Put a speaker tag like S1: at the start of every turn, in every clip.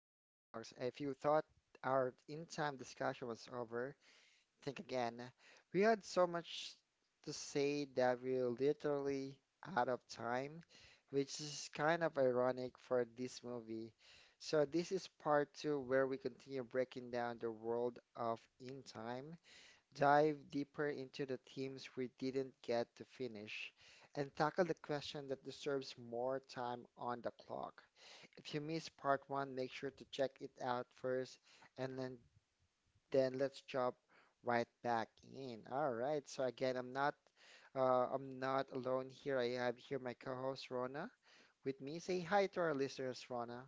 S1: If you thought our in-time discussion was over, think again. We had so much to say that we're literally out of time, which is kind of ironic for this movie. So this is part two where we continue breaking down the world of in time dive deeper into the themes we didn't get to finish, and tackle the question that deserves more time on the clock. If you missed part one, make sure to check it out first, and then let's jump right back in. All right. So again, I'm not alone here. I have here my co-host Rona with me. Say hi to our listeners, Rona.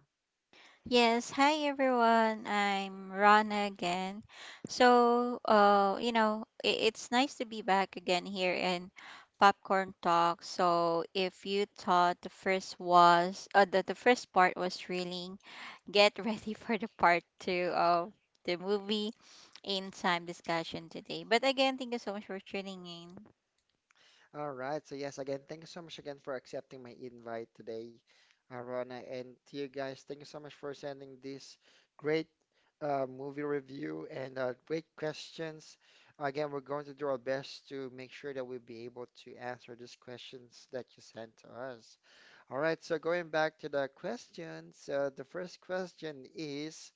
S2: Yes, hi everyone. I'm Rana again. So, it's nice to be back again here in Popcorn Talk. So, if you thought the first was that the first part was thrilling, get ready for the part two of the movie in time discussion today. But again, thank you so much for tuning in.
S1: All right. So yes, again, thank you so much again for accepting my invite today, Rona. And to you guys, thank you so much for sending this great movie review and great questions. Again, we're going to do our best to make sure that we'll be able to answer these questions that you sent to us. All right. So going back to the questions, the first question is,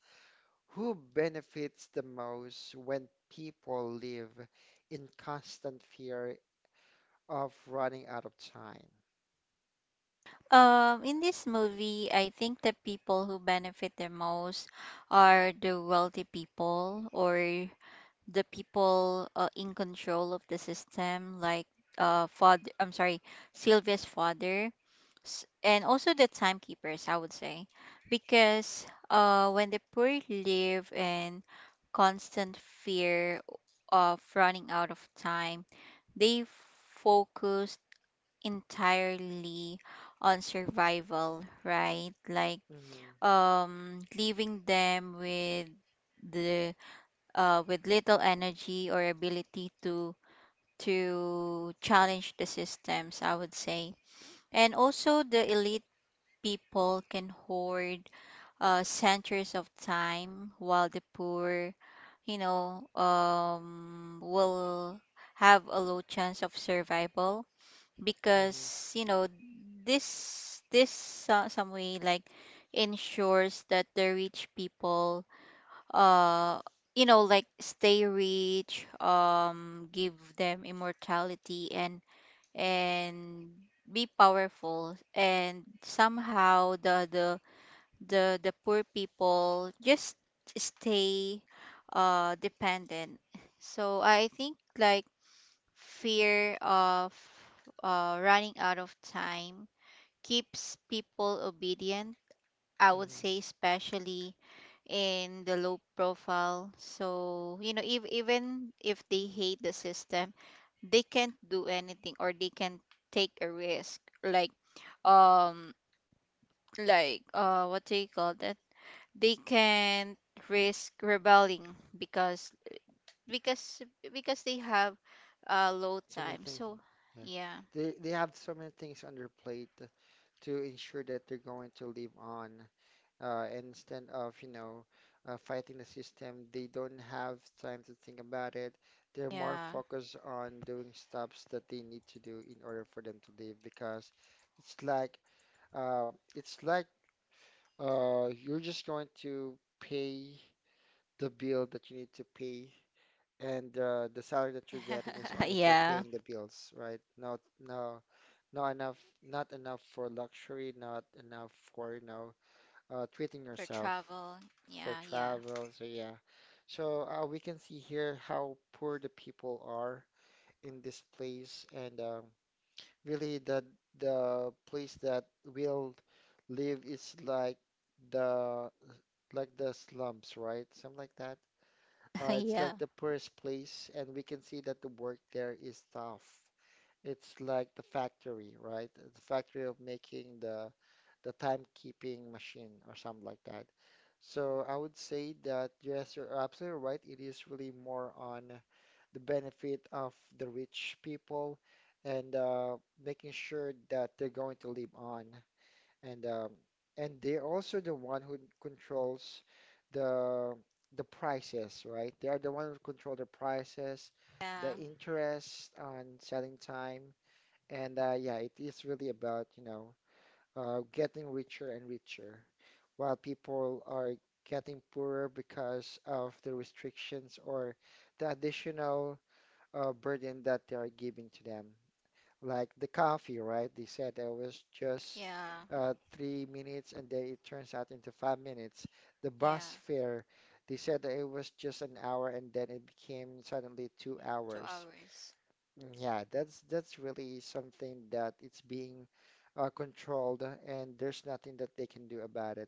S1: who benefits the most when people live in constant fear of running out of time.
S2: In this movie, I think the people who benefit the most are the wealthy people or the people in control of the system, like father. I'm sorry, Sylvia's father, and also the timekeepers. I would say, because when the poor live in constant fear of running out of time, they focus entirely on survival, right? Like
S1: Mm-hmm,
S2: leaving them with the with little energy or ability to challenge the systems, I would say. And also, the elite people can hoard centuries of time, while the poor, you know, will have a low chance of survival
S1: mm-hmm,
S2: because, you know, some way like ensures that the rich people uh you know like stay rich, give them immortality and and be powerful, and somehow the poor people just stay dependent. So I think like fear of running out of time keeps people obedient, I would say,
S1: mm-hmm.
S2: especially in the low profile. So you know, if, even if they hate the system, they can't do anything or they can't take a risk, like um what do you call that, they can't risk rebelling because because because they have low
S1: So many
S2: time.
S1: things.
S2: So
S1: Yes,
S2: yeah,
S1: they have so many things on their plate to ensure that they're going to live on. And instead of fighting the system, they don't have time to think about it. They're more
S2: yeah,
S1: focused on doing stuffs that they need to do in order for them to live, because it's like it's like you're just going to pay the bill that you need to pay, and the salary that you're getting is only for
S2: yeah,
S1: paying the bills, right? Not not enough, not enough for luxury, not enough for, you know, treating yourself,
S2: for
S1: for
S2: travel, yeah,
S1: travel. So
S2: yeah,
S1: yeah, so we can see here how poor the people are in this place, and really the place that will live is the like the slums, right? Something like that. It's like the poorest
S2: yeah,
S1: place, and we can see that the work there is tough. It's like the factory, right? The factory of making the timekeeping machine or something like that. So I would say that yes, you're absolutely right. It is really more on the benefit of the rich people, and making sure that they're going to live on, and um, and they're also the one who controls the the prices, right? They are the one who control the prices, the
S2: yeah,
S1: interest on selling time, and yeah, it is really about, you know, getting richer and richer, while people are getting poorer because of the restrictions or the additional burden that they are giving to them, like the coffee, right? They said there was just
S2: yeah,
S1: 3 minutes and then it turns out into 5 minutes. The bus fare,
S2: yeah,
S1: they said that it was just an hour and then it became suddenly 2 hours.
S2: 2 hours.
S1: Mm, yeah, that's really something that it's being controlled and there's nothing that they can do about it.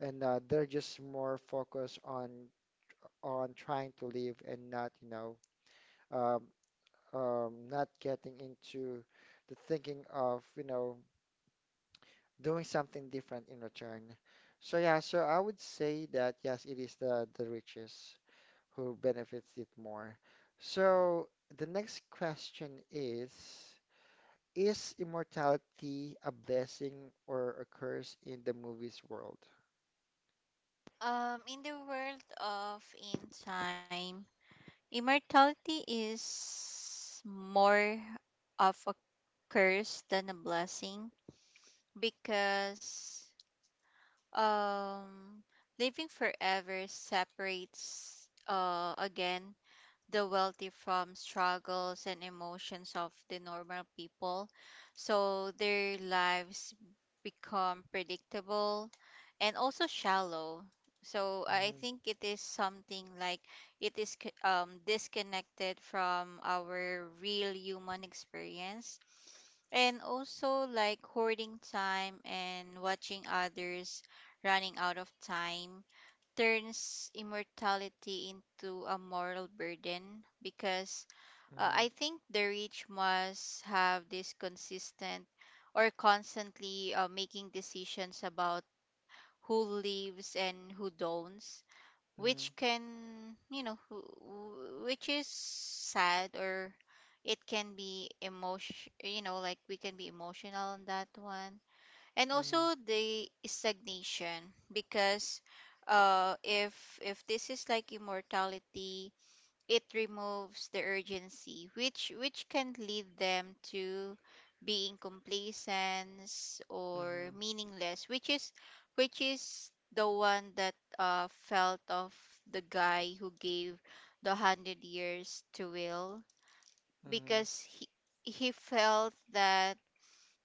S1: And they're just more focused on trying to live and not, you know, um, not getting into the thinking of, you know, doing something different in return. So yeah, so I would say that yes, it is the richest who benefits it more. So the next question is immortality a blessing or a curse in the movies world?
S2: In the world of in time, immortality is more of a curse than a blessing because, um living forever separates, again, the wealthy from struggles and emotions of the normal people. So their lives become predictable and also shallow. So I
S1: Hmm.
S2: think it is something like, disconnected from our real human experience. And also like hoarding time and watching others running out of time turns immortality into a moral burden because,
S1: Hmm.
S2: I think the rich must have this consistent or constantly making decisions about who lives and who don'ts, which
S1: Hmm.
S2: can, you know, which is sad, or it can be emotion, you know, like we can be emotional on that one. And
S1: Hmm.
S2: also the stagnation, because uh if if this is like immortality, it removes the urgency, which can lead them to being complacent or
S1: Hmm.
S2: meaningless, which is the one that felt of the guy who gave the 100 years to Will,
S1: Hmm.
S2: because he felt that,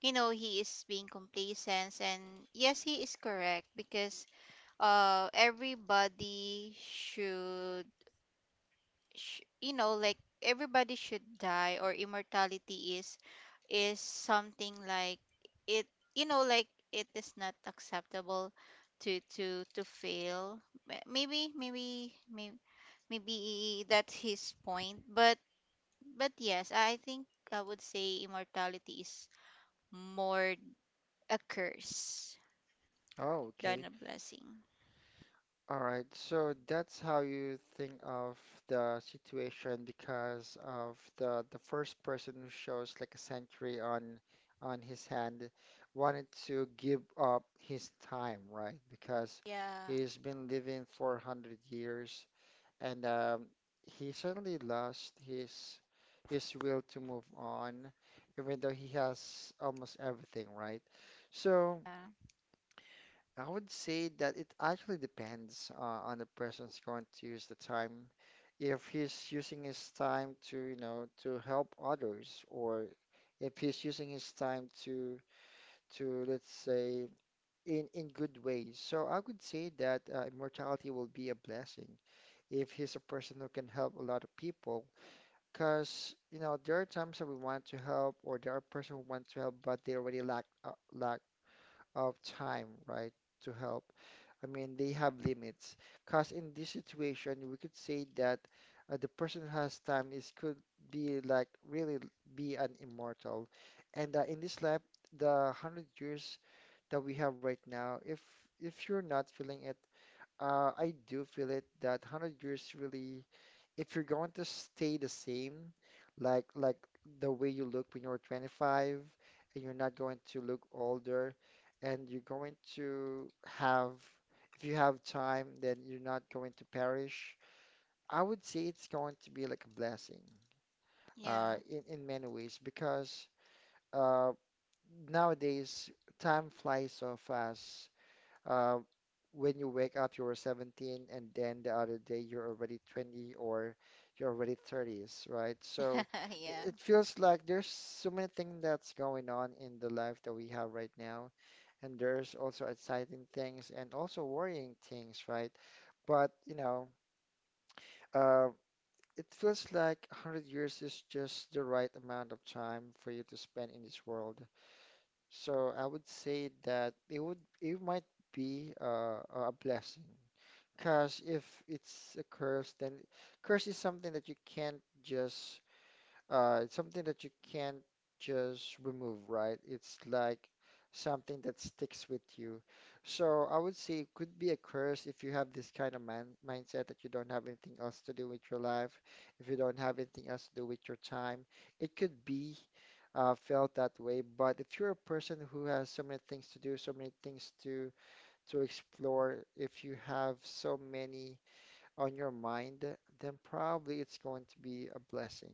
S2: you know, he is being complacent. And yes, he is correct, because everybody should, you know, like everybody should die, or immortality is something like, it, you know, like it is not acceptable to fail. Ma- maybe maybe maybe maybe that's his point, but yes, I think I would say immortality is more a curse
S1: Oh,
S2: than
S1: okay.
S2: a blessing.
S1: All right, so that's how you think of the situation, because of the first person who shows like a century on his hand wanted to give up his time, right? Because
S2: Yeah.
S1: he's been living 400 years, and he suddenly lost his will to move on, even though he has almost everything, right? So.
S2: Yeah.
S1: I would say that it actually depends on the person's going to use the time. If he's using his time to, you know, to help others, or if he's using his time to let's say, in good ways. So I would say that immortality will be a blessing if he's a person who can help a lot of people. Because you know, there are times that we want to help, or there are person who want to help, but they already lack of time, right, to help. I mean, they have limits. Because in this situation, we could say that the person who has time is could be like really be an immortal. And in this life, the 100 years that we have right now, if you're not feeling it, I do feel it that 100 years really, if you're going to stay the same, like the way you look when you're 25, and you're not going to look older, and you're going to have, if you have time, then you're not going to perish. I would say it's going to be like a blessing uh,
S2: Yeah.
S1: in, in many ways because uh, nowadays time flies so fast, uh, when you wake up, you were 17, and then the other day you're already 20, or you're already 30s, right? So it,
S2: Yeah.
S1: it feels like there's so many things that's going on in the life that we have right now, and there's also exciting things and also worrying things, right? But you know, uh, it feels like 100 years is just the right amount of time for you to spend in this world. So I would say that it would it might be a blessing, because if it's a curse, then curse is something that you can't just it's something that you can't just remove, right? It's like something that sticks with you. So I would say it could be a curse if you have this kind of man mindset that you don't have anything else to do with your life, if you don't have anything else to do with your time. It could be felt that way, but if you're a person who has so many things to do, so many things to explore, if you have so many on your mind, then probably it's going to be a blessing,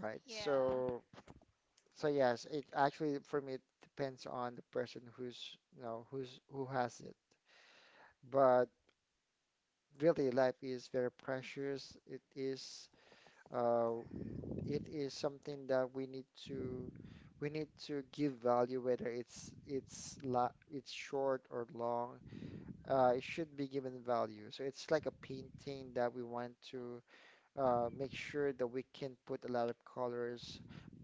S1: right?
S2: Yeah.
S1: So, so yes, it actually for me it depends on the person who's, you know, who's who has it. But really, life is very precious. Uh, it is something that we need to give value, whether it's la it's short or long. It should be given value. So it's like a painting that we want to make sure that we can put a lot of colors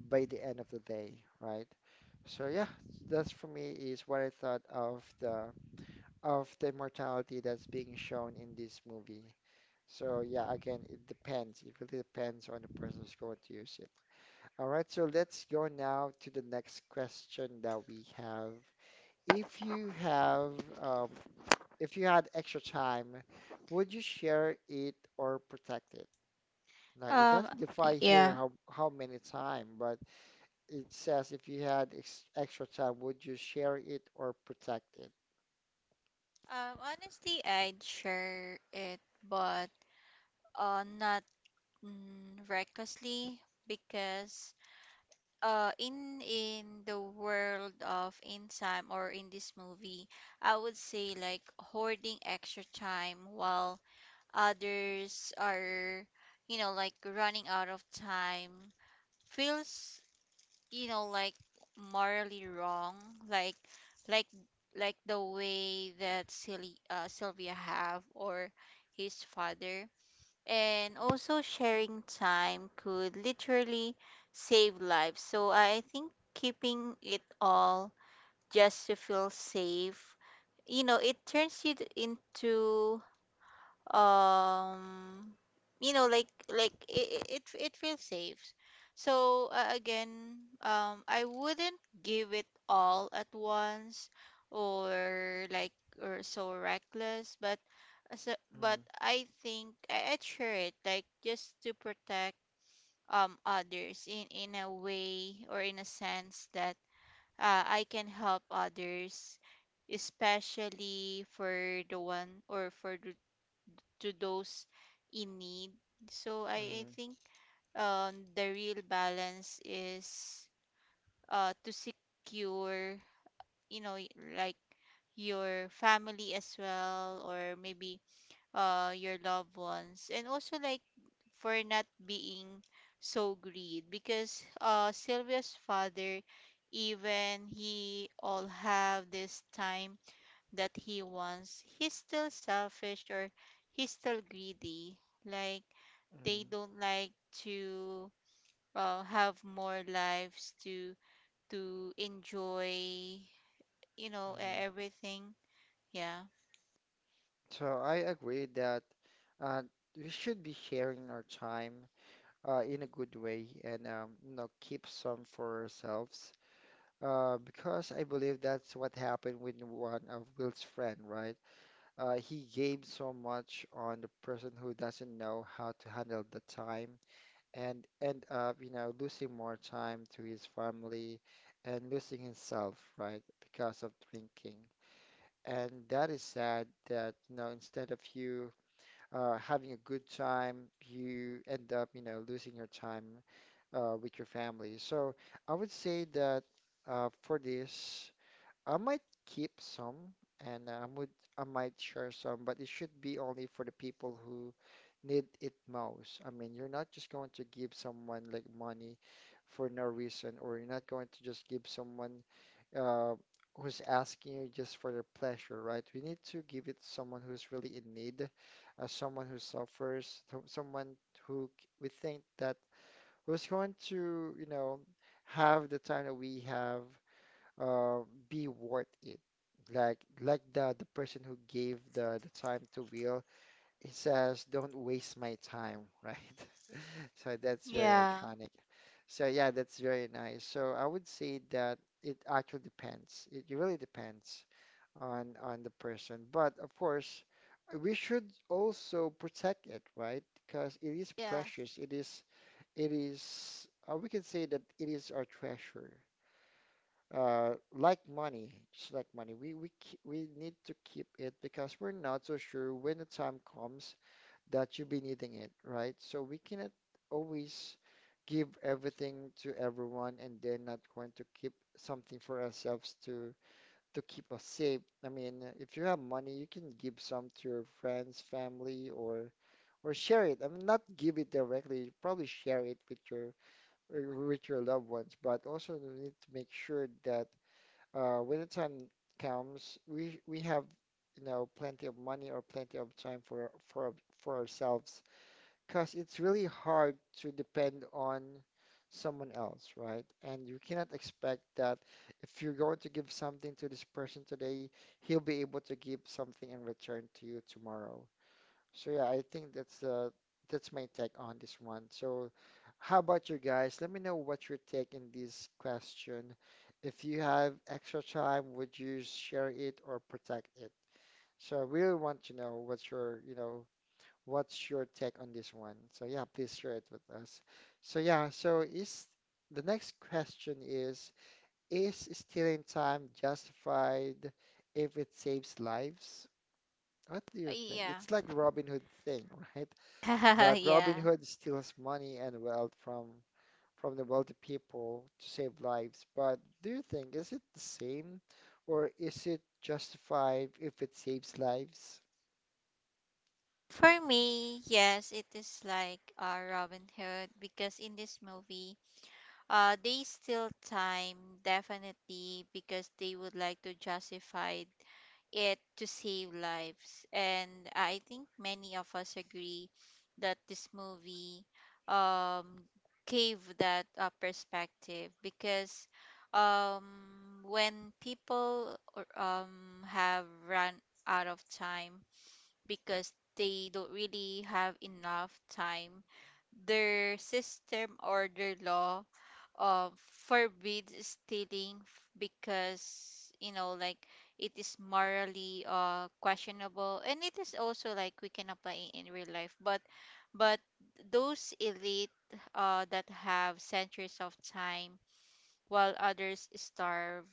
S1: by the end of the day, right? So yeah, that's for me is what I thought of the immortality that's being shown in this movie. So yeah, again, it depends. It really depends on the person who's going to use it. All right, so let's go now to the next question that we have. If you have, um, if you had extra time, would you share it or protect it? Like it
S2: Um.
S1: doesn't define here
S2: Yeah.
S1: how many time, but it says if you had ex extra time, would you share it or protect it?
S2: Honestly, I'd share it, but not, recklessly, because in the world of in time or in this movie, I would say like hoarding extra time while others are, you know, like running out of time feels, you know, like morally wrong, like like like the way that Sylvia have, or his father. And also sharing time could literally save lives, so I think keeping it all just to feel safe, you know, it turns you, into um you know, it, it feels safe. So again, I wouldn't give it all at once or like or so reckless, but
S1: Mm,
S2: I think I'd share it like just to protect others in a way or in a sense that I can help others, especially for the one or for the to those in need. So I
S1: mm,
S2: think the real balance is to secure, you know, like your family as well, or maybe your loved ones, and also like for not being so greed, because Sylvia's father, even he all have this time that he wants, he's still selfish or he's still greedy. Like they
S1: mm,
S2: don't like to have more lives to enjoy, you know,
S1: mm.
S2: everything. Yeah.
S1: So I agree that uh, we should be sharing our time in a good way, and you know, keep some for ourselves, because I believe that's what happened with one of Will's friend, right? He gave so much on the person who doesn't know how to handle the time, and end up, you know, losing more time to his family, and losing himself, right, because of drinking. And that is sad that, you know, instead of you having a good time, you end up, you know, losing your time with your family. So I would say that for this, I might keep some, and I would I might share some, but it should be only for the people who need it most. I mean, you're not just going to give someone like money for no reason, or you're not going to just give someone uh, who's asking you just for their pleasure, right? We need to give it to someone who's really in need, someone who suffers, someone who we think that who's going to, you know, have the time that we have uh, be worth it. Like the person who gave the time to Will, he says, "Don't waste my time," right? So that's very
S2: Yeah.
S1: iconic. So yeah, that's very nice. So I would say that it actually depends. It really depends on the person. But of course, we should also protect it, right? Because it is
S2: Yeah.
S1: precious. It is we can say that it is our treasure. Just like money, we need to keep it because we're not so sure when the time comes that you'll be needing it, right? So we cannot always give everything to everyone and they're not going to keep something for ourselves to keep us safe. I mean, if you have money, you can give some to your friends, family, or share it. I mean, not give it directly. You probably share it with uh, your loved ones, but also you need to make sure that when the time comes, we have plenty of money or plenty of time for ourselves, because it's really hard to depend on someone else, right? And you cannot expect that if you're going to give something to this person today, he'll be able to give something in return to you tomorrow. So yeah, I think that's my take on this one. So how about you guys? Let me know what your take in this question. If you have extra time, would you share it or protect it? So I really want to know what's your take on this one. So yeah, please share it with us. So yeah, so is the next question is stealing time justified if it saves lives? What do you think?
S2: Yeah.
S1: It's like Robin Hood thing, right? But Robin
S2: Yeah.
S1: Hood steals money and wealth from the wealthy people to save lives. But do you think is it the same, or is it justified if it saves lives?
S2: For me, yes, it is like, Robin Hood. Because in this movie, they still time definitely because they would like to justify it to save lives. And I think many of us agree that this movie, um, gave that perspective, because when people, have run out of time because they don't really have enough time, their system or their law uh, forbids stealing, because you know like it is morally questionable, and it is also like we can apply it in real life. But but those elite that have centuries of time, while others starve,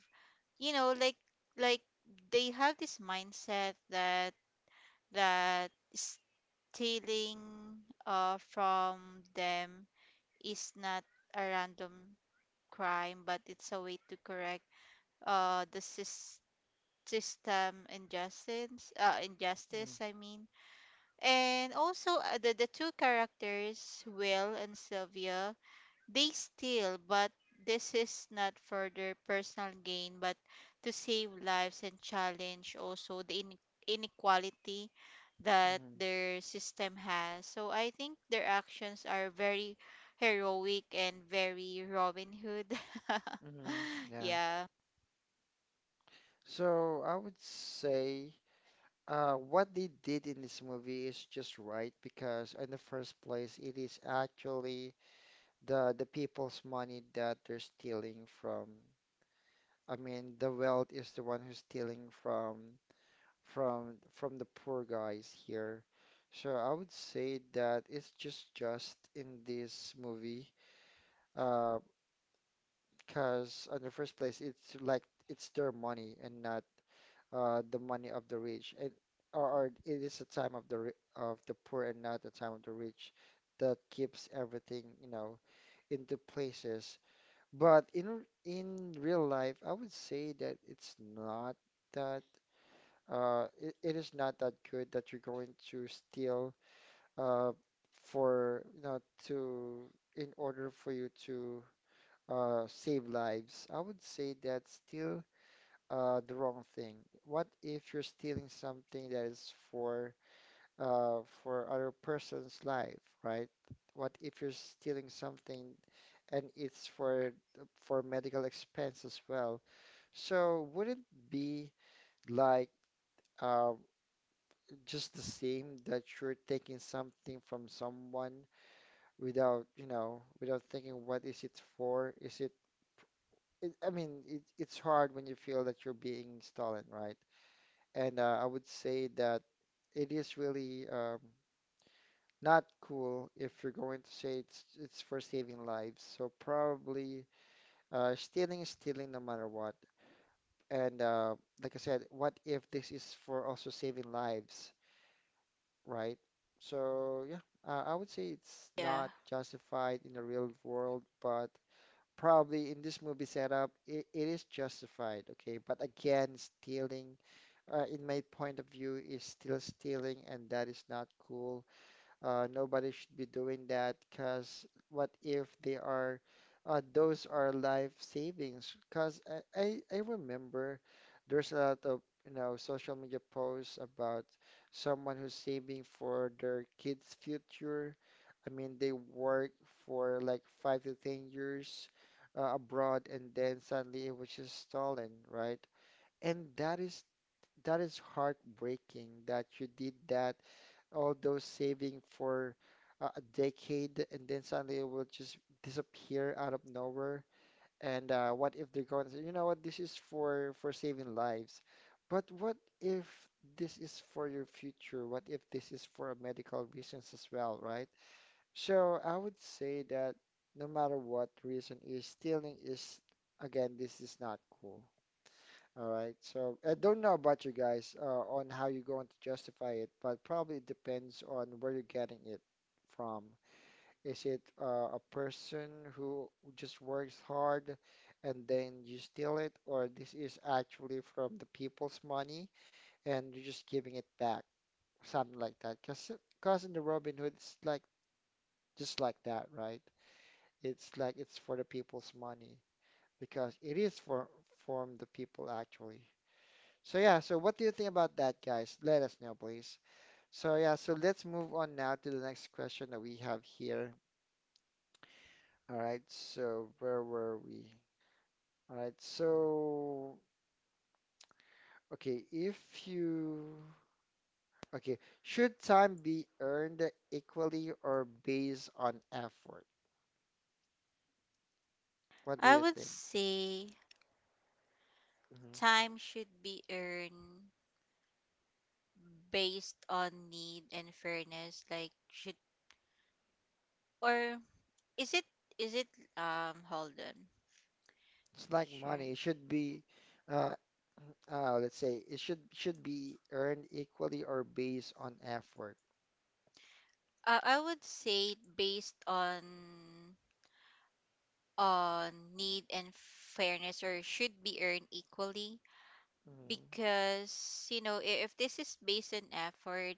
S2: you know, like they have this mindset that stealing from them is not a random crime, but it's a way to correct uh the sys- system injustice, I mean. And also, the two characters, Will and Sylvia, they steal, but this is not for their personal gain, but to save lives and challenge also the inequality that
S1: Mm-hmm.
S2: their system has. So I think their actions are very heroic and very Robin Hood.
S1: Hmm. Yeah.
S2: Yeah.
S1: So I would say what they did in this movie is just right because in the first place it is actually the people's money that they're stealing from. I mean the wealth is the one who's stealing from from the poor guys here. So I would say that it's just in this movie, uh, because on the first place, it's like it's their money and not the money of the rich, and or it is a time of the poor and not the time of the rich that keeps everything into places. But in real life, I would say that it's not that it is not that good that you're going to steal uh, for you know to in order for you to save lives. I would say that's still the wrong thing. What if you're stealing something that is for other person's life, right? What if you're stealing something and it's for medical expense as well? So wouldn't be like uh, just the same that you're taking something from someone without, you know, without thinking what is it for? Is it, it I mean, it, it's hard when you feel that you're being stolen, right? And I would say that it is really not cool if you're going to say it's for saving lives. So probably stealing is stealing no matter what. And like I said, what if this is for also saving lives? Right? So yeah, I would say it's
S2: Yeah.
S1: not justified in the real world, but probably in this movie setup, it is justified, okay? But again, stealing, in my point of view, is still stealing, and that is not cool. Nobody should be doing that because what if those are life savings? Because I remember there's a lot of social media posts about someone who's saving for their kids' future. I mean, they work for like 5 to 10 years abroad, and then suddenly it was just stolen, right? And that is heartbreaking that you did that, all those saving for a decade, and then suddenly it will just disappear out of nowhere. And what if they're going to say, you know what, this is for saving lives. But what if this is for your future? What if this is for medical reasons as well, right? So I would say that no matter what reason is, stealing is, again, this is not cool. All right. So I don't know about you guys, on how you're going to justify it, but probably it depends on where you're getting it from. Is it a person who just works hard and then you steal it, or this is actually from the people's money and you're just giving it back, something like that? Because in the Robin Hood, it's like just like that, right? It's like it's for the people's money because it is for from the people actually. So yeah, so what do you think about that, guys? Let us know, please. So yeah, so let's move on now to the next question that we have here. All right, so where were we? All right, so okay, if you okay, should time be earned equally or based on effort? What do
S2: I
S1: you
S2: would
S1: think?
S2: say
S1: Hmm.
S2: time should be earned based on need and fairness. Like should, or, is it, is it, hold on.
S1: It's like
S2: Sure.
S1: money. It should be uh, let's say it should be earned equally or based on effort.
S2: I would say based on need and fairness, or should be earned equally,
S1: Hmm.
S2: because you know, if this is based on effort,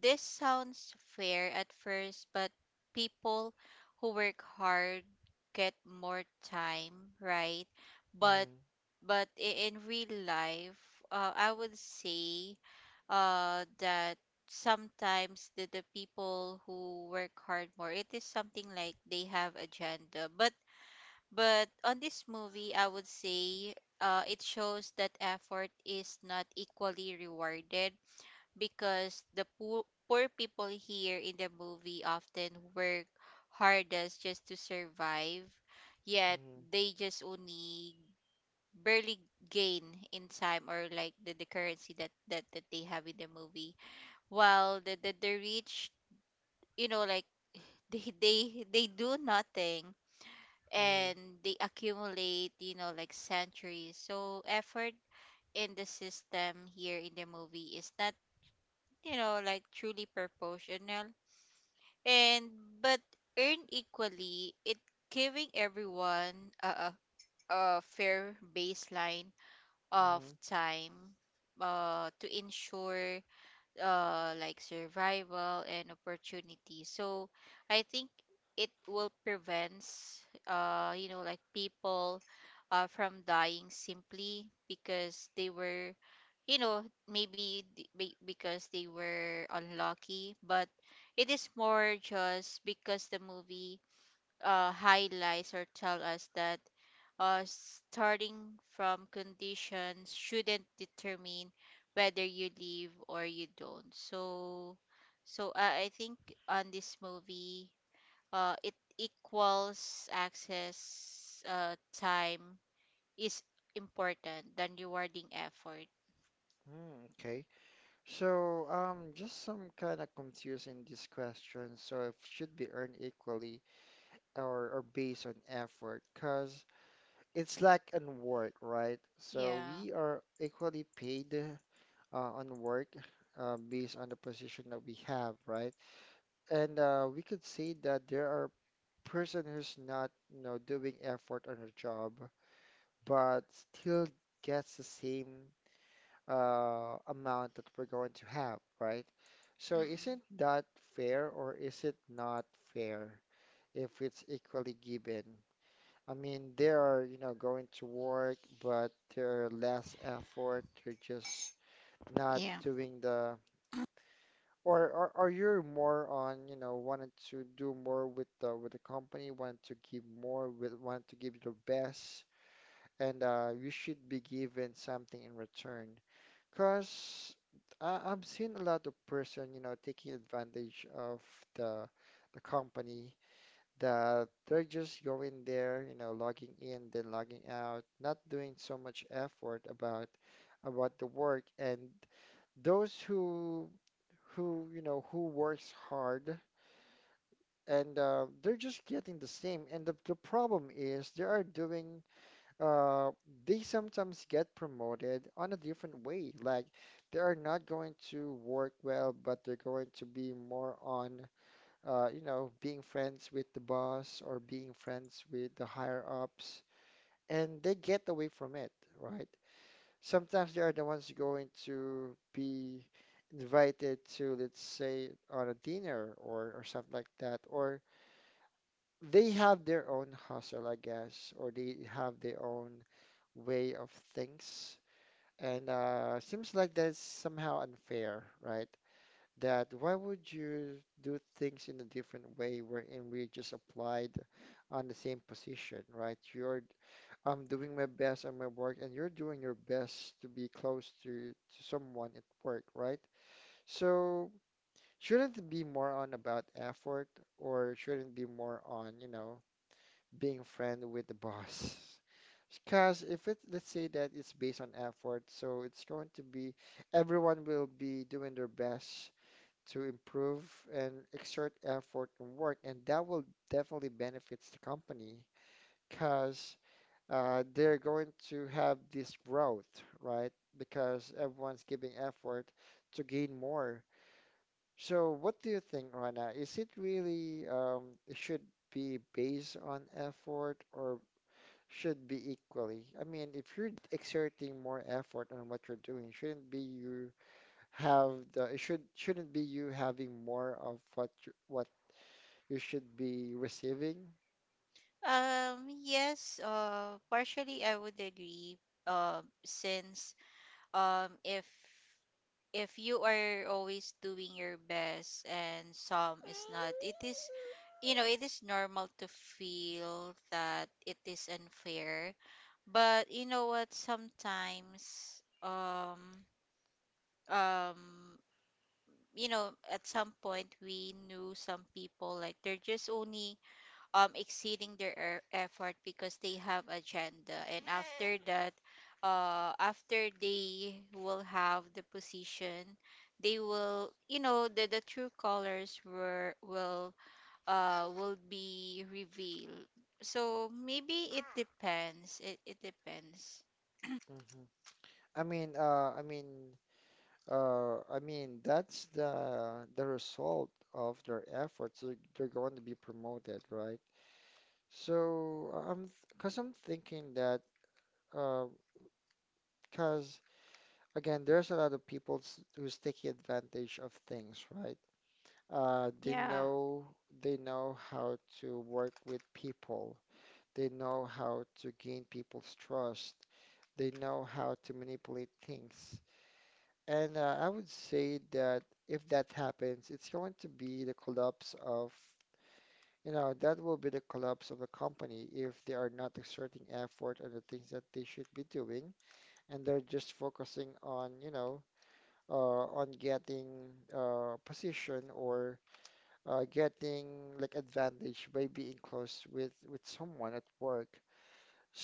S2: this sounds fair at first, but people who work hard get more time, right? But, in real life, I would say that sometimes the people who work hard more, it is something like they have agenda. But on this movie, I would say it shows that effort is not equally rewarded, because the poor poor people here in the movie often work hardest just to survive. Yet
S1: Hmm.
S2: they just only barely gain in time, or like the currency that they have in the movie, while the rich, you know, like they do nothing,
S1: Mm-hmm.
S2: and they accumulate, you know, like centuries. So effort in the system here in the movie is not, you know, like truly proportional. And but Earned equally, it giving everyone a, a fair baseline of time to ensure like survival and opportunity. So I think it will prevent you know like people from dying simply because they were, you know, maybe because they were unlucky. But it is more just because the movie highlights or tell us that starting from conditions shouldn't determine whether you leave or you don't. So, so I think on this movie, it equals access, time is important than rewarding effort.
S1: Mm-hmm. Okay. So, just some kind of confusing this question. So, if should be earned equally or based on effort, because it's like on work, right? So,
S2: Yeah.
S1: we are equally paid on work based on the position that we have, right? And we could say that there are person who's not doing effort on her job, but still gets the same amount that we're going to have, right? So
S2: Mm-mm.
S1: isn't that fair or is it not fair if it's equally given? I mean, they are going to work, but they're less effort. They're just not
S2: Yeah.
S1: doing the, or you are more on wanting to do more with the company, wanting to give more, with wanting to give your best, and you should be given something in return. Because I've seen a lot of person taking advantage of the the company, that they're just going there logging in, then logging out, not doing so much effort about the work. And those who you know who works hard and they're just getting the same. And the problem is they are doing uh, they sometimes get promoted on a different way. Like they are not going to work well, but they're going to be more on being friends with the boss or being friends with the higher ups, and they get away from it, right? Sometimes they are the ones going to be invited to, let's say, on a dinner or something like that, or they have their own hustle, I guess, or they have their own way of things, and seems like that's somehow unfair, right? That why would you do things in a different way wherein we just applied on the same position, right? You're I'm doing my best on my work and you're doing your best to be close to someone at work, right? So shouldn't it be more on about effort, or shouldn't it be more on being friend with the boss. Because if it, let's say that it's based on effort, so it's going to be, everyone will be doing their best to improve and exert effort and work, and that will definitely benefits the company because they're going to have this growth, right? Because everyone's giving effort to gain more. So, what do you think, Rana? Is it really, it should be based on effort, or should be equally? I mean, if you're exerting more effort on what you're doing, shouldn't be you have the it should shouldn't be you having more of what you should be receiving.
S2: Yes, partially I would agree. Since um if if you are always doing your best and some is not, it is, you know, it is normal to feel that it is unfair. But you know what, sometimes, um you know, at some point we knew some people like they're just only exceeding their effort because they have agenda, and after that after they will have the position, they will, you know, the true colors were will be revealed. So maybe it depends, it depends.
S1: Hmm. I mean, uh, I mean, I mean, that's the result of their efforts. They're going to be promoted, right? So I'm because I'm thinking that, because again, there's a lot of people who's taking advantage of things, right? Uh, they
S2: yeah
S1: know they know how to work with people. They know how to gain people's trust. They know how to manipulate things. And I would say that if that happens, it's going to be the collapse of, you know, that will be the collapse of a company if they are not exerting effort on the things that they should be doing, and they're just focusing on getting position or getting like advantage by being close with someone at work.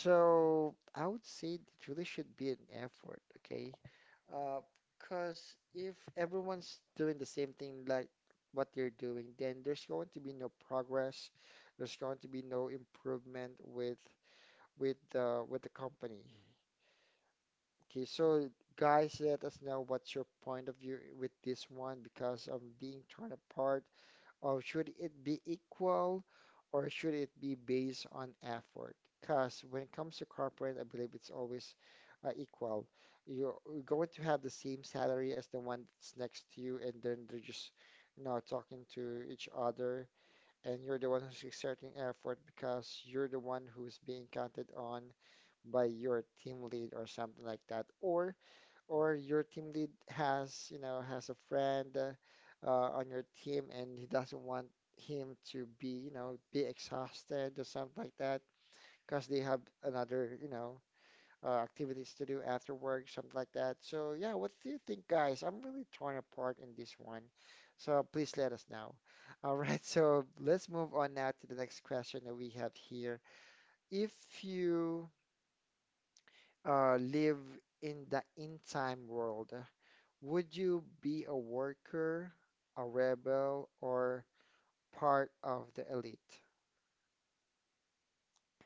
S1: So I would say it really should be an effort, okay? Uh, Because if everyone's doing the same thing like what they're doing, then there's going to be no progress. There's going to be no improvement with with the company. Okay, so guys, let us know what's your point of view with this one because of being torn apart, or should it be equal, or should it be based on effort? Because when it comes to corporate, I believe it's always equal. You're going to have the same salary as the one that's next to you, and then they're just, talking to each other. And you're the one who's exerting effort because you're the one who's being counted on by your team lead or something like that. Or your team lead has, you know, has a friend on your team, and he doesn't want him to be, you know, be exhausted or something like that because they have another, activities to do after work, something like that. So yeah, what do you think, guys? I'm really torn apart in this one. So please let us know. All right, so let's move on now to the next question that we have here. If you live in the in time world, would you be a worker, a rebel, or part of the elite?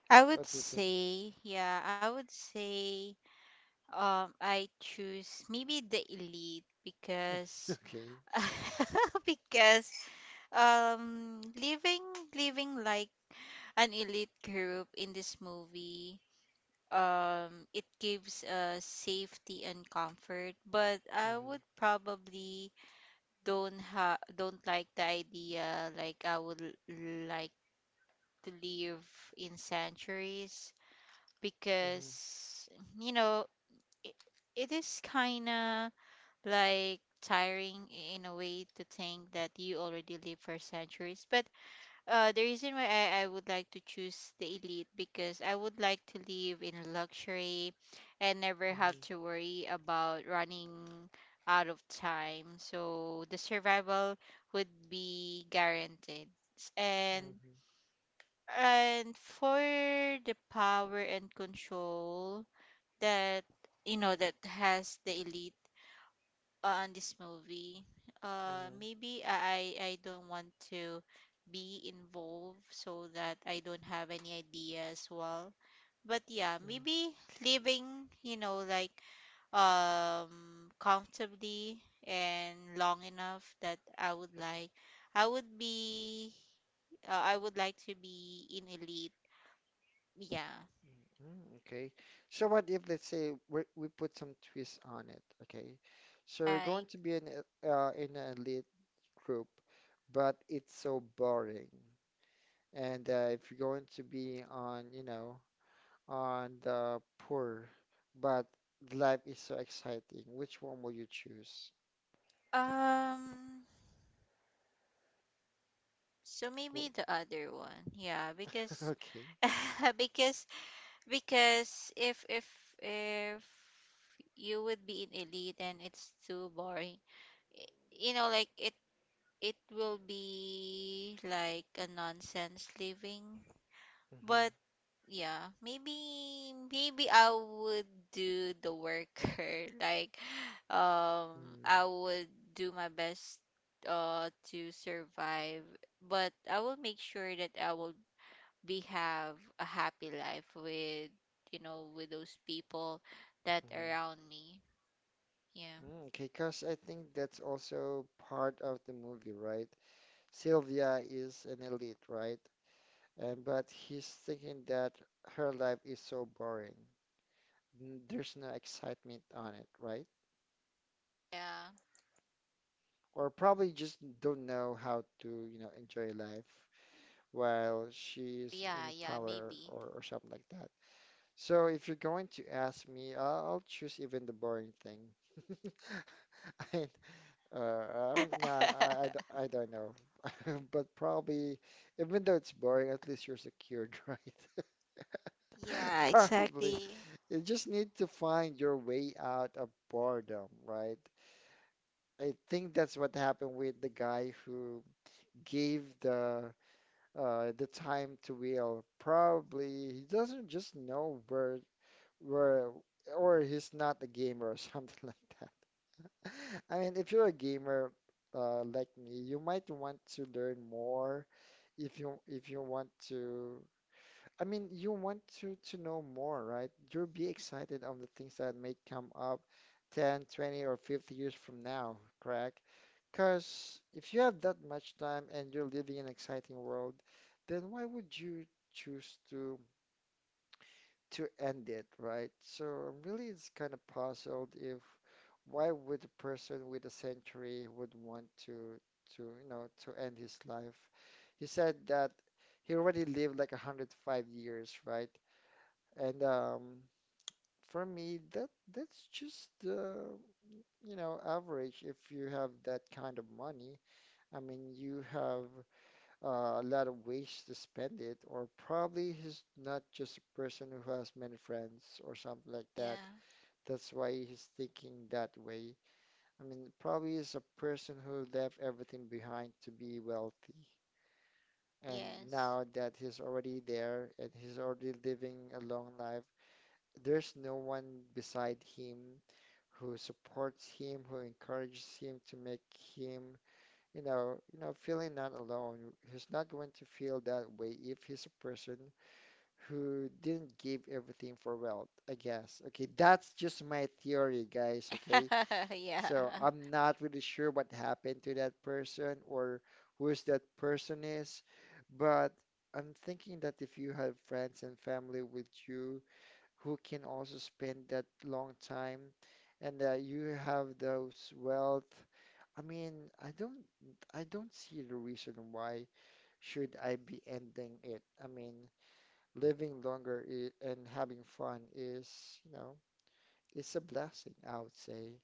S1: What do you think?
S2: yeah, I would say I choose maybe the elite, because
S1: Okay.
S2: because um living living like an elite group in this movie, it gives safety and comfort. But I
S1: Mm-hmm.
S2: would probably don't like the idea. Like I would like to live in sanctuaries
S1: Hmm.
S2: because, you know, it, it is kind of like tiring in a way to think that you already live for centuries. But the reason why I would like to choose the elite because I would like to live in luxury and never have
S1: Hmm.
S2: to worry about running out of time. So the survival would be guaranteed. S- And
S1: Hmm.
S2: and for the power and control that, you know, that has the elite on this movie. Maybe I don't want to be involved so that I don't have any idea as well. But yeah,
S1: Hmm.
S2: maybe living, you know, like comfortably and long enough, that I would be I would like to be in elite. Yeah.
S1: Hmm. Okay. So what if let's say we put some twist on it? Okay. So you're going
S2: Like
S1: to be in a- in an elite group, but it's so boring. And if you're going to be on, you know, on the poor, but life is so exciting. Which one will you choose?
S2: um so maybe
S1: Well,
S2: the other one. Yeah, because
S1: okay.
S2: because Because if you would be in elite, then it's too boring. y- you know, like it will be like a nonsense living.
S1: Mm-hmm.
S2: But yeah, maybe I would do the worker. Like
S1: Mm.
S2: I would do my best to survive, but I will make sure that I will we have a happy life with with those people that
S1: Mhm.
S2: around me. yeah
S1: Mm, okay, because I think that's also part of the movie, right? Sylvia is an elite, right? And but he's thinking that her life is so boring. N- There's no excitement on it, right?
S2: yeah
S1: Or probably just don't know how to, you know, enjoy life while she's
S2: yeah
S1: in
S2: yeah
S1: power
S2: maybe.
S1: or something like that. So if you're going to ask me, I'll choose even the boring thing. I, uh, I don't know. I don't know. But probably, even though it's boring, at least you're secured, right?
S2: Yeah,
S1: Probably.
S2: exactly.
S1: You just need to find your way out of boredom, right? I think that's what happened with the guy who gave the time to Will. Probably he doesn't just know where or he's not a gamer or something like that. I mean, if you're a gamer like me, you might want to learn more if you want to. I mean, you want to know more, right? You'll be excited on the things that may come up 10, 20, or 50 years from now, correct? Because if you have that much time and you're living in an exciting world, then why would you choose to end it, right? So I'm really is kind of puzzled if why would a person with a century would want to you know to end his life? He said that he already lived like 105 years, right? And for me, that that's just you know, average if you have that kind of money. I mean, you have a lot of ways to spend it, or probably he's not just a person who has many friends or something like that.
S2: yeah
S1: That's why he's thinking that way. I mean, probably he's a person who left everything behind to be wealthy. And
S2: yes.
S1: now that he's already there and he's already living a long life, there's no one beside him who supports him, who encourages him to make him feeling not alone. He's not going to feel that way if he's a person who didn't give everything for wealth, I guess. Okay, that's just my theory, guys. Okay,
S2: Yeah.
S1: so I'm not really sure what happened to that person or who's that person is, but I'm thinking that if you have friends and family with you who can also spend that long time and that you have those wealth, I mean, I don't see the reason why should I be ending it. I mean, living longer I and having fun is, you know, it's a blessing, I would say.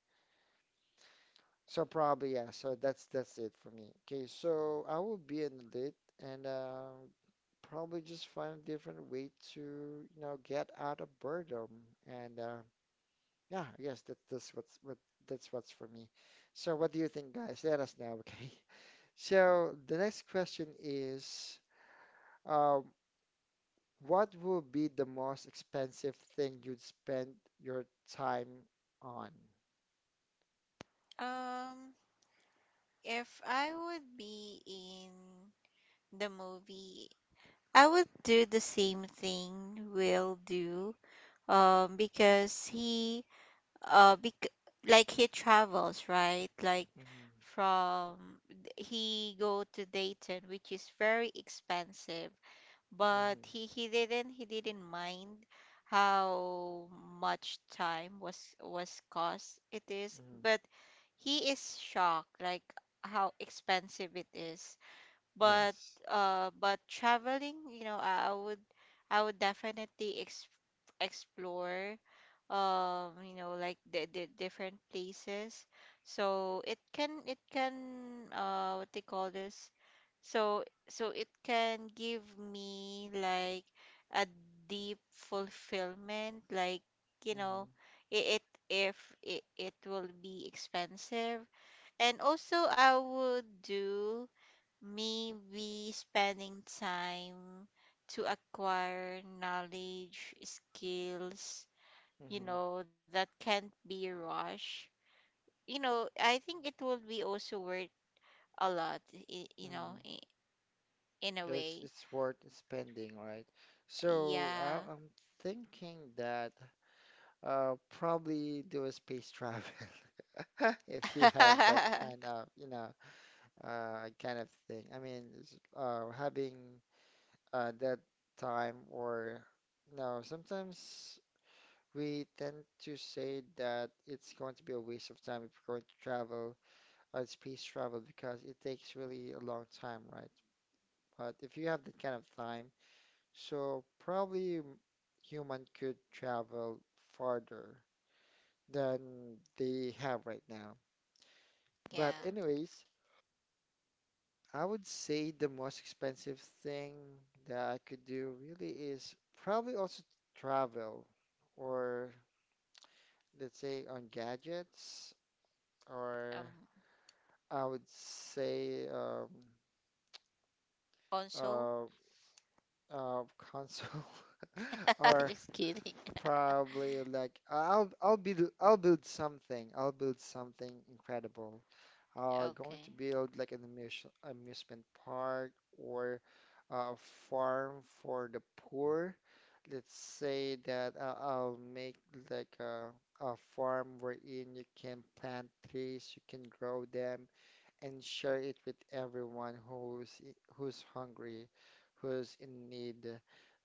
S1: So probably yeah, so that's it for me. Okay, so I will be in lit and probably just find a different way to, you know, get out of boredom. And yeah, I guess that that's what's for me. So what do you think, guys? Let us know, okay? So the next question is, um, what would be the most expensive thing you'd spend your time on?
S2: Um, if I would be in the movie, I would do the same thing Will do. Because uh bec- like he travels, right? Like
S1: Mm-hmm.
S2: from he go to Dayton, which is very expensive, but
S1: Mm-hmm.
S2: he didn't mind how much time was cost it is,
S1: Mm-hmm.
S2: but he is shocked like how expensive it is. But
S1: Yes.
S2: traveling, I would definitely explore you know, like the different places, so it can what they call this, so it can give me like a deep fulfillment, like you
S1: Mm-hmm.
S2: know it, it if it, it will be expensive. And also I would do, maybe, spending time to acquire knowledge, skills, you
S1: Mm-hmm.
S2: know, that can't be rushed. You know, I think it would be also worth a lot, you know,
S1: Mm-hmm.
S2: in a
S1: It's
S2: way.
S1: it's worth spending, right? So I,
S2: Yeah.
S1: I'm thinking that probably do a space travel if you have that kind of you know kind of thing. I mean, it's, having that time or no, sometimes we tend to say that it's going to be a waste of time if we're going to travel on space travel because it takes really a long time, right? But if you have that kind of time, so probably m- human could travel farther than they have right now. But
S2: Yeah.
S1: anyways, I would say the most expensive thing that I could do really is probably also travel or let's say on gadgets or
S2: Um,
S1: I would say
S2: also,
S1: uh uh console or
S2: just kidding.
S1: probably like I'll build something incredible. Going to
S2: Okay.
S1: build like an amusement park or a farm for the poor, let's say that I'll make like a farm wherein you can plant trees, you can grow them, and share it with everyone who's who's hungry, who's in need,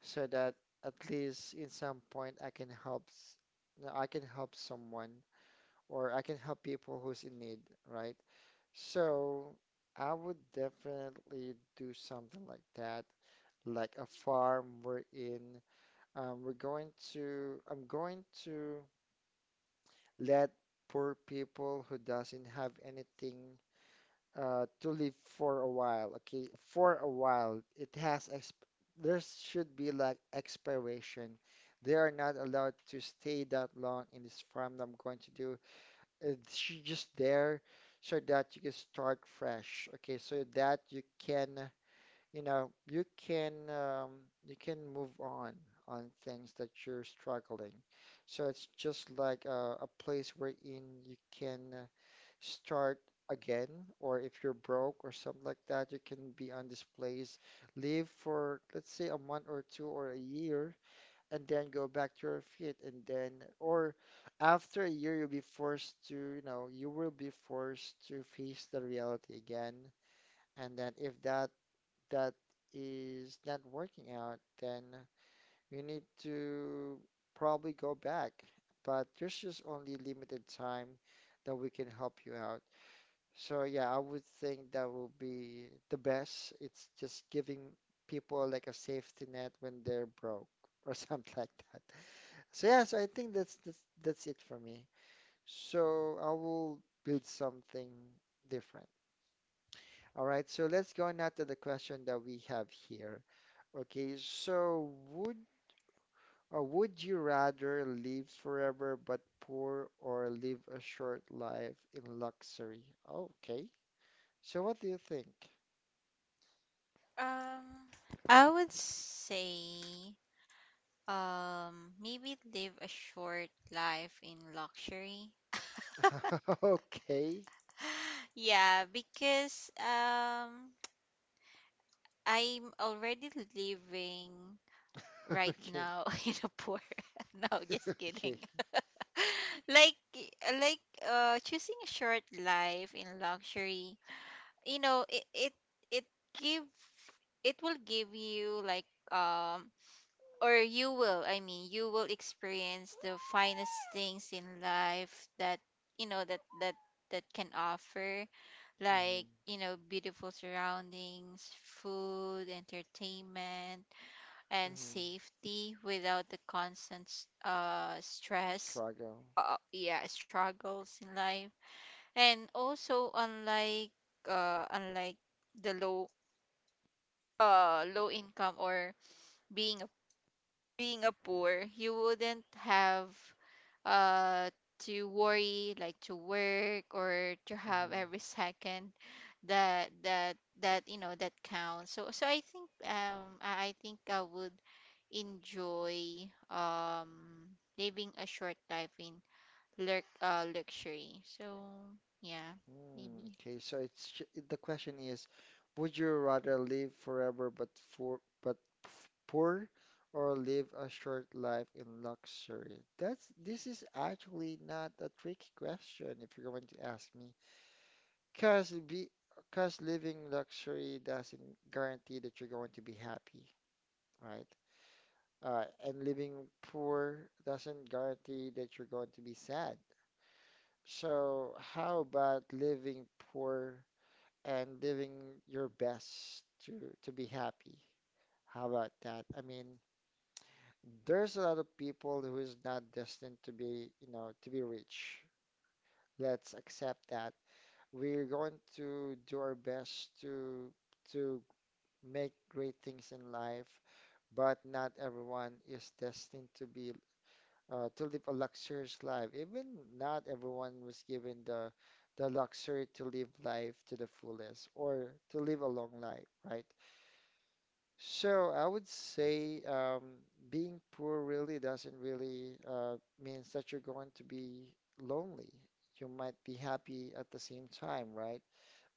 S1: so that at least in some point I can help, s- no, I can help someone or I can help people who's in need, right? So I would definitely do something like that, like a farm wherein we're going to, I'm going to let poor people who doesn't have anything to live for a while. Okay, for a while, it has exp there should be like expiration. They are not allowed to stay that long in this farm that I'm going to do. It's just there so that you can start fresh. Okay, so that you can you know, you can move on things that you're struggling. So it's just like a place wherein you can start again, or if you're broke or something like that, you can be on this place, live for let's say a month or two or a year, and then go back to your feet, and then or after a year you'll be forced to, you know, you will be forced to face the reality again. And then if that is not working out, then you need to probably go back. But there's just only limited time that we can help you out. So yeah, I would think that will be the best. It's just giving people like a safety net when they're broke or something like that. So yeah, so I think that's it for me. So I will build something different. All right, so let's go now to the question that we have here. Okay, so would or would you rather live forever but poor or live a short life in luxury? Okay. So what do you think?
S2: Um, I would say, maybe live a short life in luxury.
S1: Okay.
S2: Yeah, because I'm already living right
S1: Okay.
S2: now in a poor. No, just kidding.
S1: Okay.
S2: Like like choosing a short life in luxury. You know, it give it will give you like um or you will, I mean, you will experience the finest things in life that you know that that that can offer,
S1: Hmm.
S2: like you know, beautiful surroundings, food, entertainment, and
S1: Hmm.
S2: safety without the constant stress,
S1: Struggle.
S2: yeah, struggles in life. And also unlike the low low income, or being a poor, you wouldn't have uh to worry, like to work, or to have
S1: Hmm.
S2: every second that that that you know, that counts. So I think I think I would enjoy living a short life in lurk luxury. So yeah,
S1: Mm,
S2: maybe.
S1: okay, so it's sh- the question is, would you rather live forever but poor, or live a short life in luxury? That's this is actually not a tricky question if you're going to ask me, cause be cause living luxury doesn't guarantee that you're going to be happy, right? And living poor doesn't guarantee that you're going to be sad. So how about living poor? And living your best to be happy. How about that? I mean, there's a lot of people who is not destined to be, you know, to be rich. Let's accept that. We're going to do our best to make great things in life, but not everyone is destined to be to live a luxurious life. Even not everyone was given the luxury to live life to the fullest or to live a long life, right? So I would say being poor really doesn't really means that you're going to be lonely. You might be happy at the same time, right?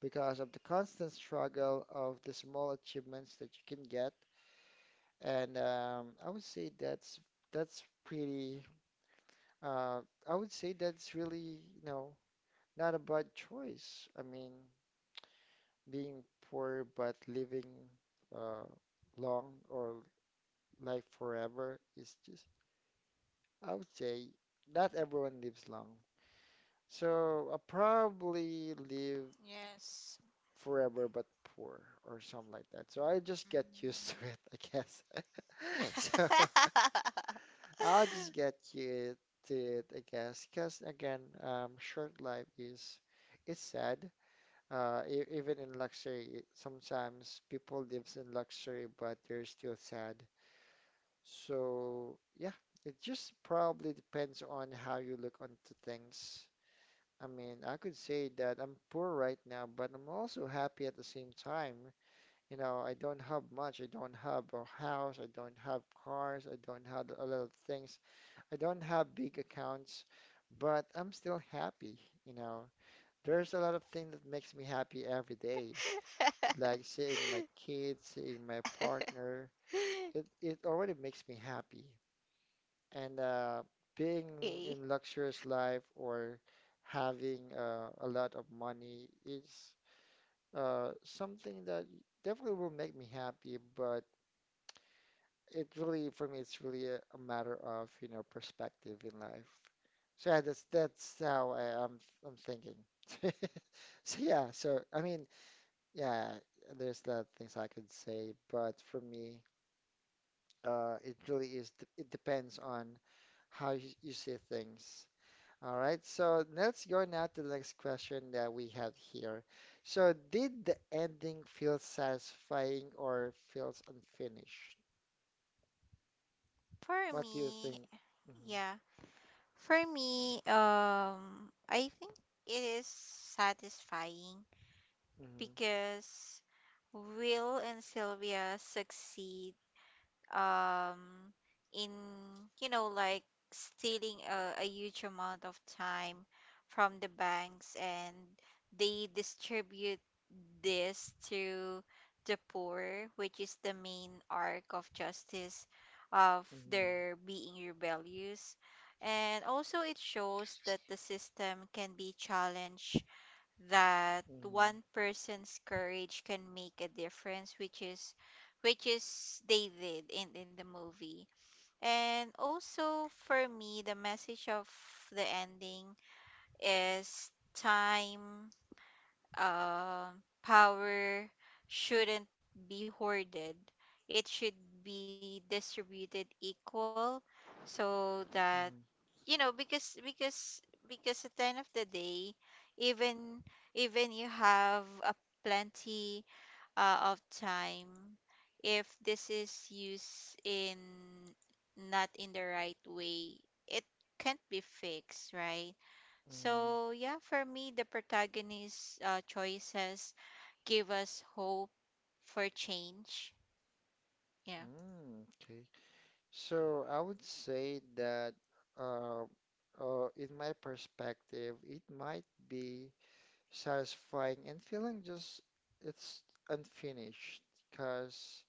S1: Because of the constant struggle of the small achievements that you can get. And I would say that's pretty. Uh, I would say that's really, you know, not a bad choice. I mean, being poor but living uh, long or like forever is just, I would say, not everyone lives long. So I'll probably live
S2: Yes.
S1: forever but poor or something like that. So I just get used to
S2: Mm.
S1: it, I guess. So I'll just get used to it, I guess. Because again, short life is it's sad. Even in luxury, it- sometimes people lives in luxury, but they're still sad. So yeah, it just probably depends on how you look onto things. I mean, I could say that I'm poor right now, but I'm also happy at the same time. You know, I don't have much. I don't have a house. I don't have cars. I don't have a lot of things. I don't have big accounts, but I'm still happy. You know, there's a lot of things that makes me happy every day, like seeing my kids, seeing my partner. It already makes me happy. And being
S2: Okay.
S1: in luxurious life or having a lot of money is something that definitely will make me happy, but it really, for me, it's really a matter of, you know, perspective in life. So yeah, that's how I'm I'm thinking. So yeah, so I mean, yeah, there's a lot of things I could say, but for me, it really is, it depends on how you see things. All right, so let's go now to the next question that we have here. So, did the ending feel satisfying or feels unfinished?
S2: For
S1: What do you
S2: me,
S1: think? Mm-hmm,
S2: yeah. For me, I think it is satisfying
S1: mm-hmm,
S2: because Will and Sylvia succeed um in you know like stealing a huge amount of time from the banks, and they distribute this to the poor, which is the main arc of justice of
S1: mm-hmm,
S2: their being rebellious. And also, it shows that the system can be challenged, that
S1: mm-hmm,
S2: one person's courage can make a difference, which is they did in the movie. And also for me, the message of the ending is time, power shouldn't be hoarded. It should be distributed equal so that you know, because at the end of the day, even even you have a plenty of time, if this is used in not in the right way, it can't be fixed, right?
S1: mm-hmm, mm-hmm.
S2: So yeah, for me, the protagonist's choices give us hope for change. Yeah.
S1: Mm, okay. So, I would say that, uh, in my perspective, it might be satisfying and feeling just it's unfinished because.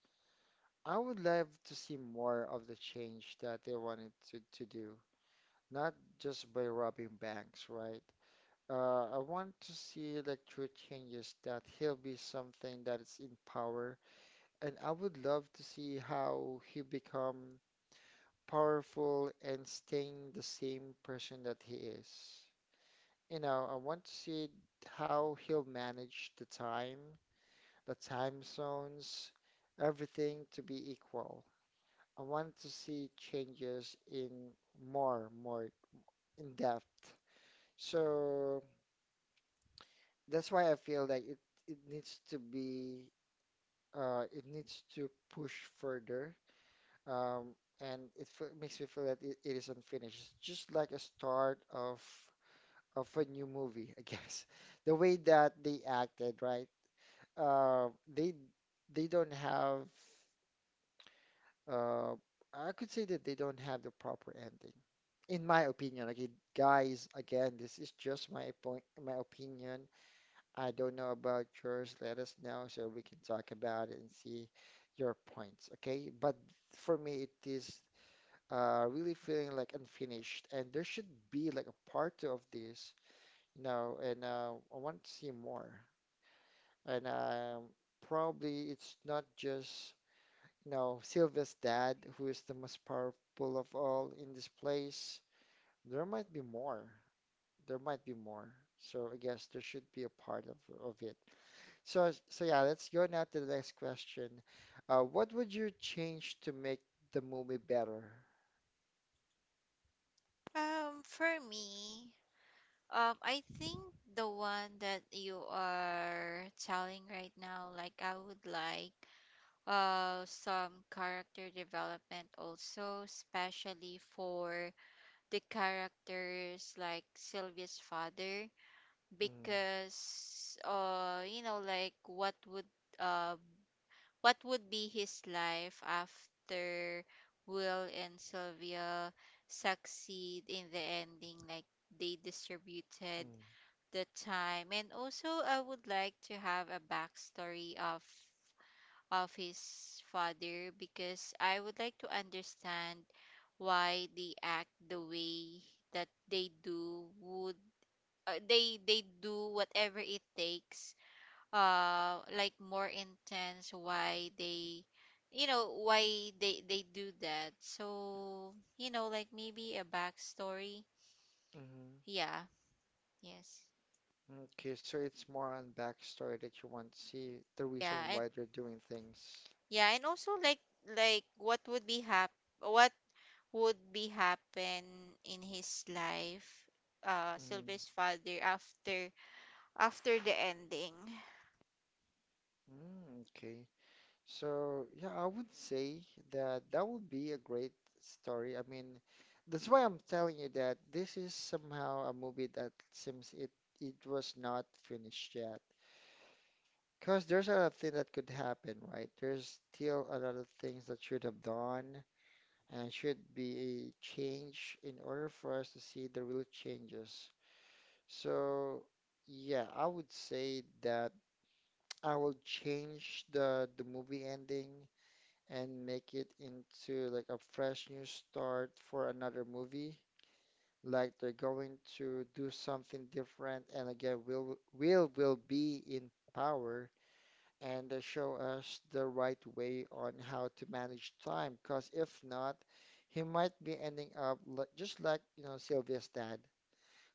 S1: I would love to see more of the change that they wanted to do, not just by robbing banks, right? I want to see like true changes that he'll be something that is in power, and I would love to see how he become powerful and staying the same person that he is. You know, I want to see how he'll manage the time zones, everything to be equal. I want to see changes in more in depth. So that's why I feel like it needs to be it needs to push further. Um, and it makes me feel that it is unfinished. It's just like a start of a new movie, I guess. The way that they acted, right? Uh, they don't have uh, I could say that they don't have the proper ending. In my opinion, like guys, again, this is just my point, my opinion. I don't know about yours. Let us know so we can talk about it and see your points, okay? But for me, it is really feeling like unfinished, and there should be like a part two of this, you know. And I want to see more. And probably it's not just you know Sylvia's dad who is the most powerful of all in this place. There might be more. There might be more. So I guess there should be a part of it. So, so yeah, let's go now to the next question. What would you change to make the movie better?
S2: For me, I think the one that you are telling right now, like I would like some character development also, especially for the characters like Sylvia's father,
S1: Mm,
S2: because you know, like what would uh what would be his life after Will and Sylvia succeed in the ending, like they distributed
S1: mm,
S2: the time. And also, I would like to have a backstory of his father, because I would like to understand why they act the way that they do, would they do whatever it takes, like more intense, why they, you know, why they do that. So you know, like maybe a backstory.
S1: mm-hmm.
S2: Yeah. Yes.
S1: Okay, so it's more on backstory that you want to see the
S2: Yeah.
S1: reason
S2: And
S1: why they're doing things.
S2: also like like what would be happen in his life,
S1: Mm,
S2: Sylvia's father, after after the ending.
S1: mm, okay. So, yeah, I would say that that would be a great story. I mean, that's why I'm telling you that this is somehow a movie that seems it it was not finished yet. Because there's a lot of things that could happen, right? There's still a lot of things that should have done and should be changed in order for us to see the real changes. So, yeah, I would say that I will change the movie ending and make it into like a fresh new start for another movie. Like they're going to do something different, and again, Will will be in power, and they show us the right way on how to manage time. Because if not, he might be ending up li just like you know Sylvia's dad,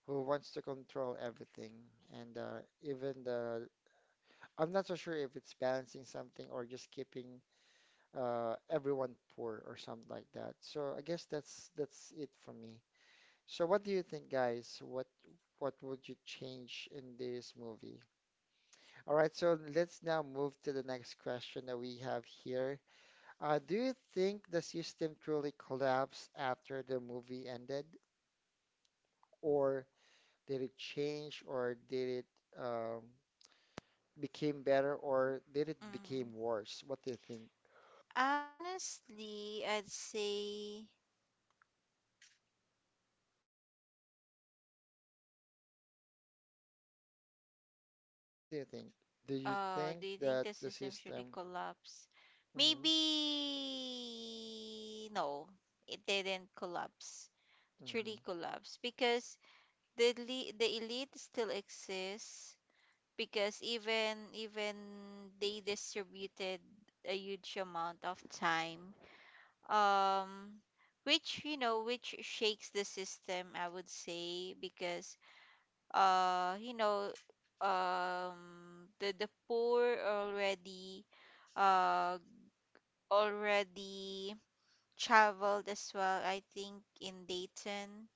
S1: who wants to control everything, and even the I'm not so sure if it's balancing something or just keeping everyone poor or something like that. So I guess that's it for me. So what do you think, guys? What would you change in this movie? All right, so let's now move to the next question that we have here. Do you think the system truly collapsed after the movie ended, or did it change, or did it um, became better, or did it
S2: Mm.
S1: became worse? What do you think?
S2: Honestly, I'd say,
S1: Hmm. What do you
S2: let
S1: think?
S2: me see. I think,
S1: What do you think? Do you
S2: uh,
S1: think
S2: do you think
S1: that
S2: the
S1: the
S2: system should
S1: system,
S2: collapse?
S1: hmm,
S2: Maybe no, it didn't collapse,
S1: hmm,
S2: truly collapse, because the elite still exists, because even they distributed a huge amount of time. Um, which you know, which shakes the system, I would say, because you know, the poor already uh already traveled as well, I think, in Dayton,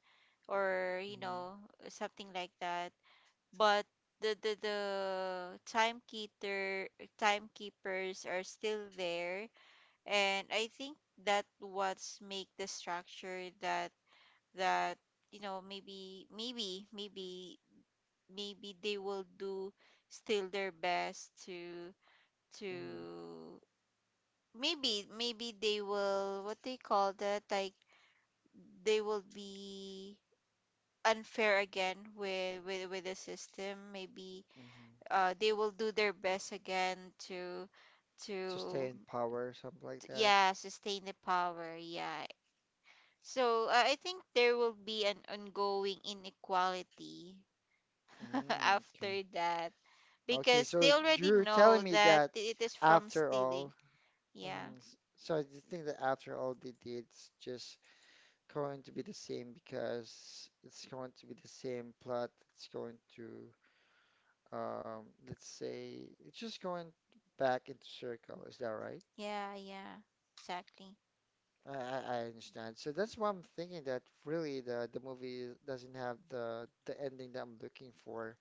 S2: or you
S1: hmm,
S2: know, something like that. But the timekeeper timekeepers are still there, and I think that what's make the structure, that that you know, maybe they will do still their best to,
S1: hmm,
S2: to maybe they will, what they call that, like they will be unfair again with the system maybe.
S1: hmm,
S2: They will do their best again to,
S1: to stay
S2: to
S1: in power, something like that?
S2: yeah, sustain the power. Yeah. So I think there will be an ongoing inequality
S1: Mm, okay.
S2: after that,
S1: Okay,
S2: because they
S1: so
S2: already
S1: you're telling
S2: know
S1: me
S2: that
S1: that
S2: it is from
S1: after
S2: stealing.
S1: all,
S2: Yeah,
S1: mhm, so do you think that after all they did, it's just going to be the same because it's going to be the same plot. It's going to, let's say, it's just going back into circle. Is that right?
S2: yeah, yeah, exactly.
S1: I understand. So that's why I'm thinking that really the movie doesn't have the ending that I'm looking for,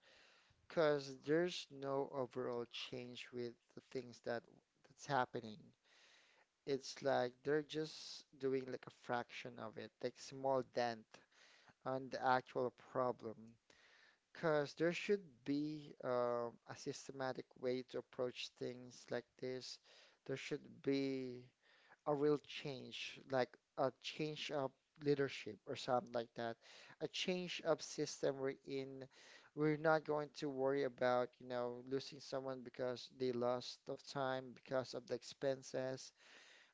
S1: because there's no overall change with the things that that's happening. It's like they're just doing like a fraction of it, like small dent on the actual problem. Because there should be a systematic way to approach things like this. There should be a real change, like a change of leadership or something like that, a change of system we're in. We're not going to worry about, you know, losing someone because they lost of time, because of the expenses,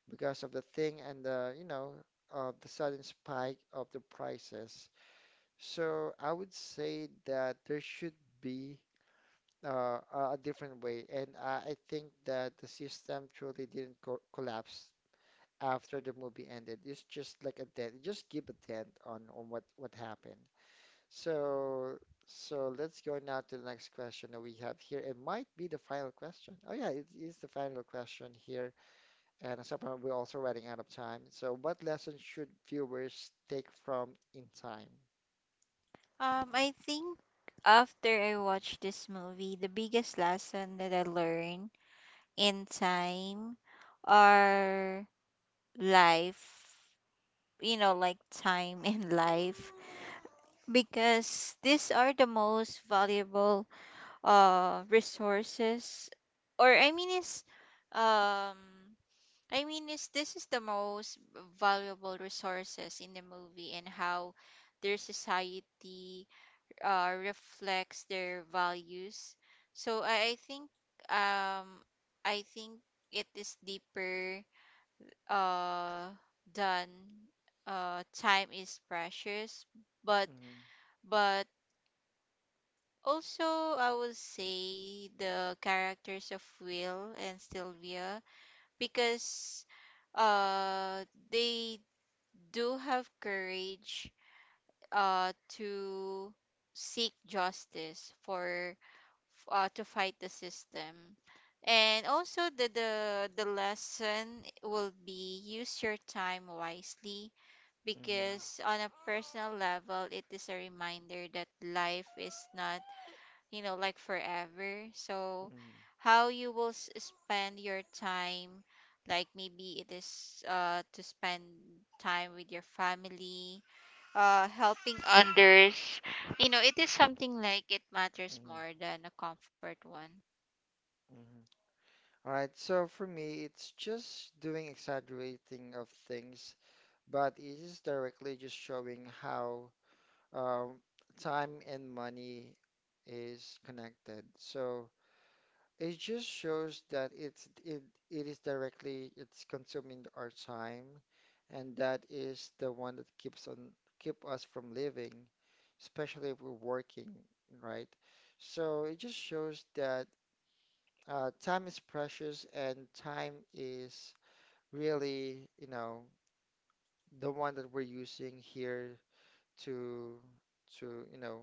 S1: because of the thing and the, you know, of the sudden spike of the prices. So I would say that there should be a different way, and I think that the system truly didn't co collapse after the movie ended. It's just like a dent. Just give a dent on what happened. So so let's go now to the next question that we have here. It might be the final question. Oh yeah, it is the final question here. And somehow we're also running out of time. So what lessons should viewers take from In Time?
S2: I think after I watched this movie, the biggest lesson that I learned in time, or life, you know, like time and life, because these are the most valuable resources, or I mean, is, um I mean, is, this is the most valuable resources in the movie, and how their society reflects their values. So I think um I think it is deeper uh than time is precious, but
S1: Mhm,
S2: but also I would say the characters of Will and Sylvia, because uh they do have courage to seek justice for, to fight the system. And also the, the lesson will be use your time wisely,
S1: mhm,
S2: because on a personal level it is a reminder that life is not, you know, like forever. So
S1: mhm,
S2: how you will spend your time, like maybe it is to spend time with your family, helping others, you know, it is something like it matters
S1: mhm,
S2: more than a comfort one.
S1: mhm. All right, so for me, it's just doing exaggerating of things, but it is directly just showing how um, time and money is connected. So it just shows that it's it it is directly it's consuming our time, and that is the one that keeps on keep us from living, especially if we're working, right? So it just shows that time is precious and time is really, you know, the one that we're using here to to you know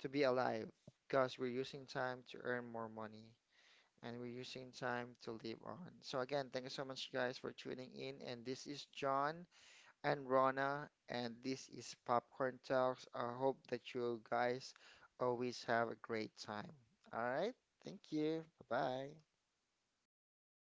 S1: to be alive because we're using time to earn more money and we're using time to live on. So again, thank you so much guys for tuning in and this is John and Rona and this is Popcorn Talks. I hope that you guys always have a great time. All right. Thank you. Bye-bye.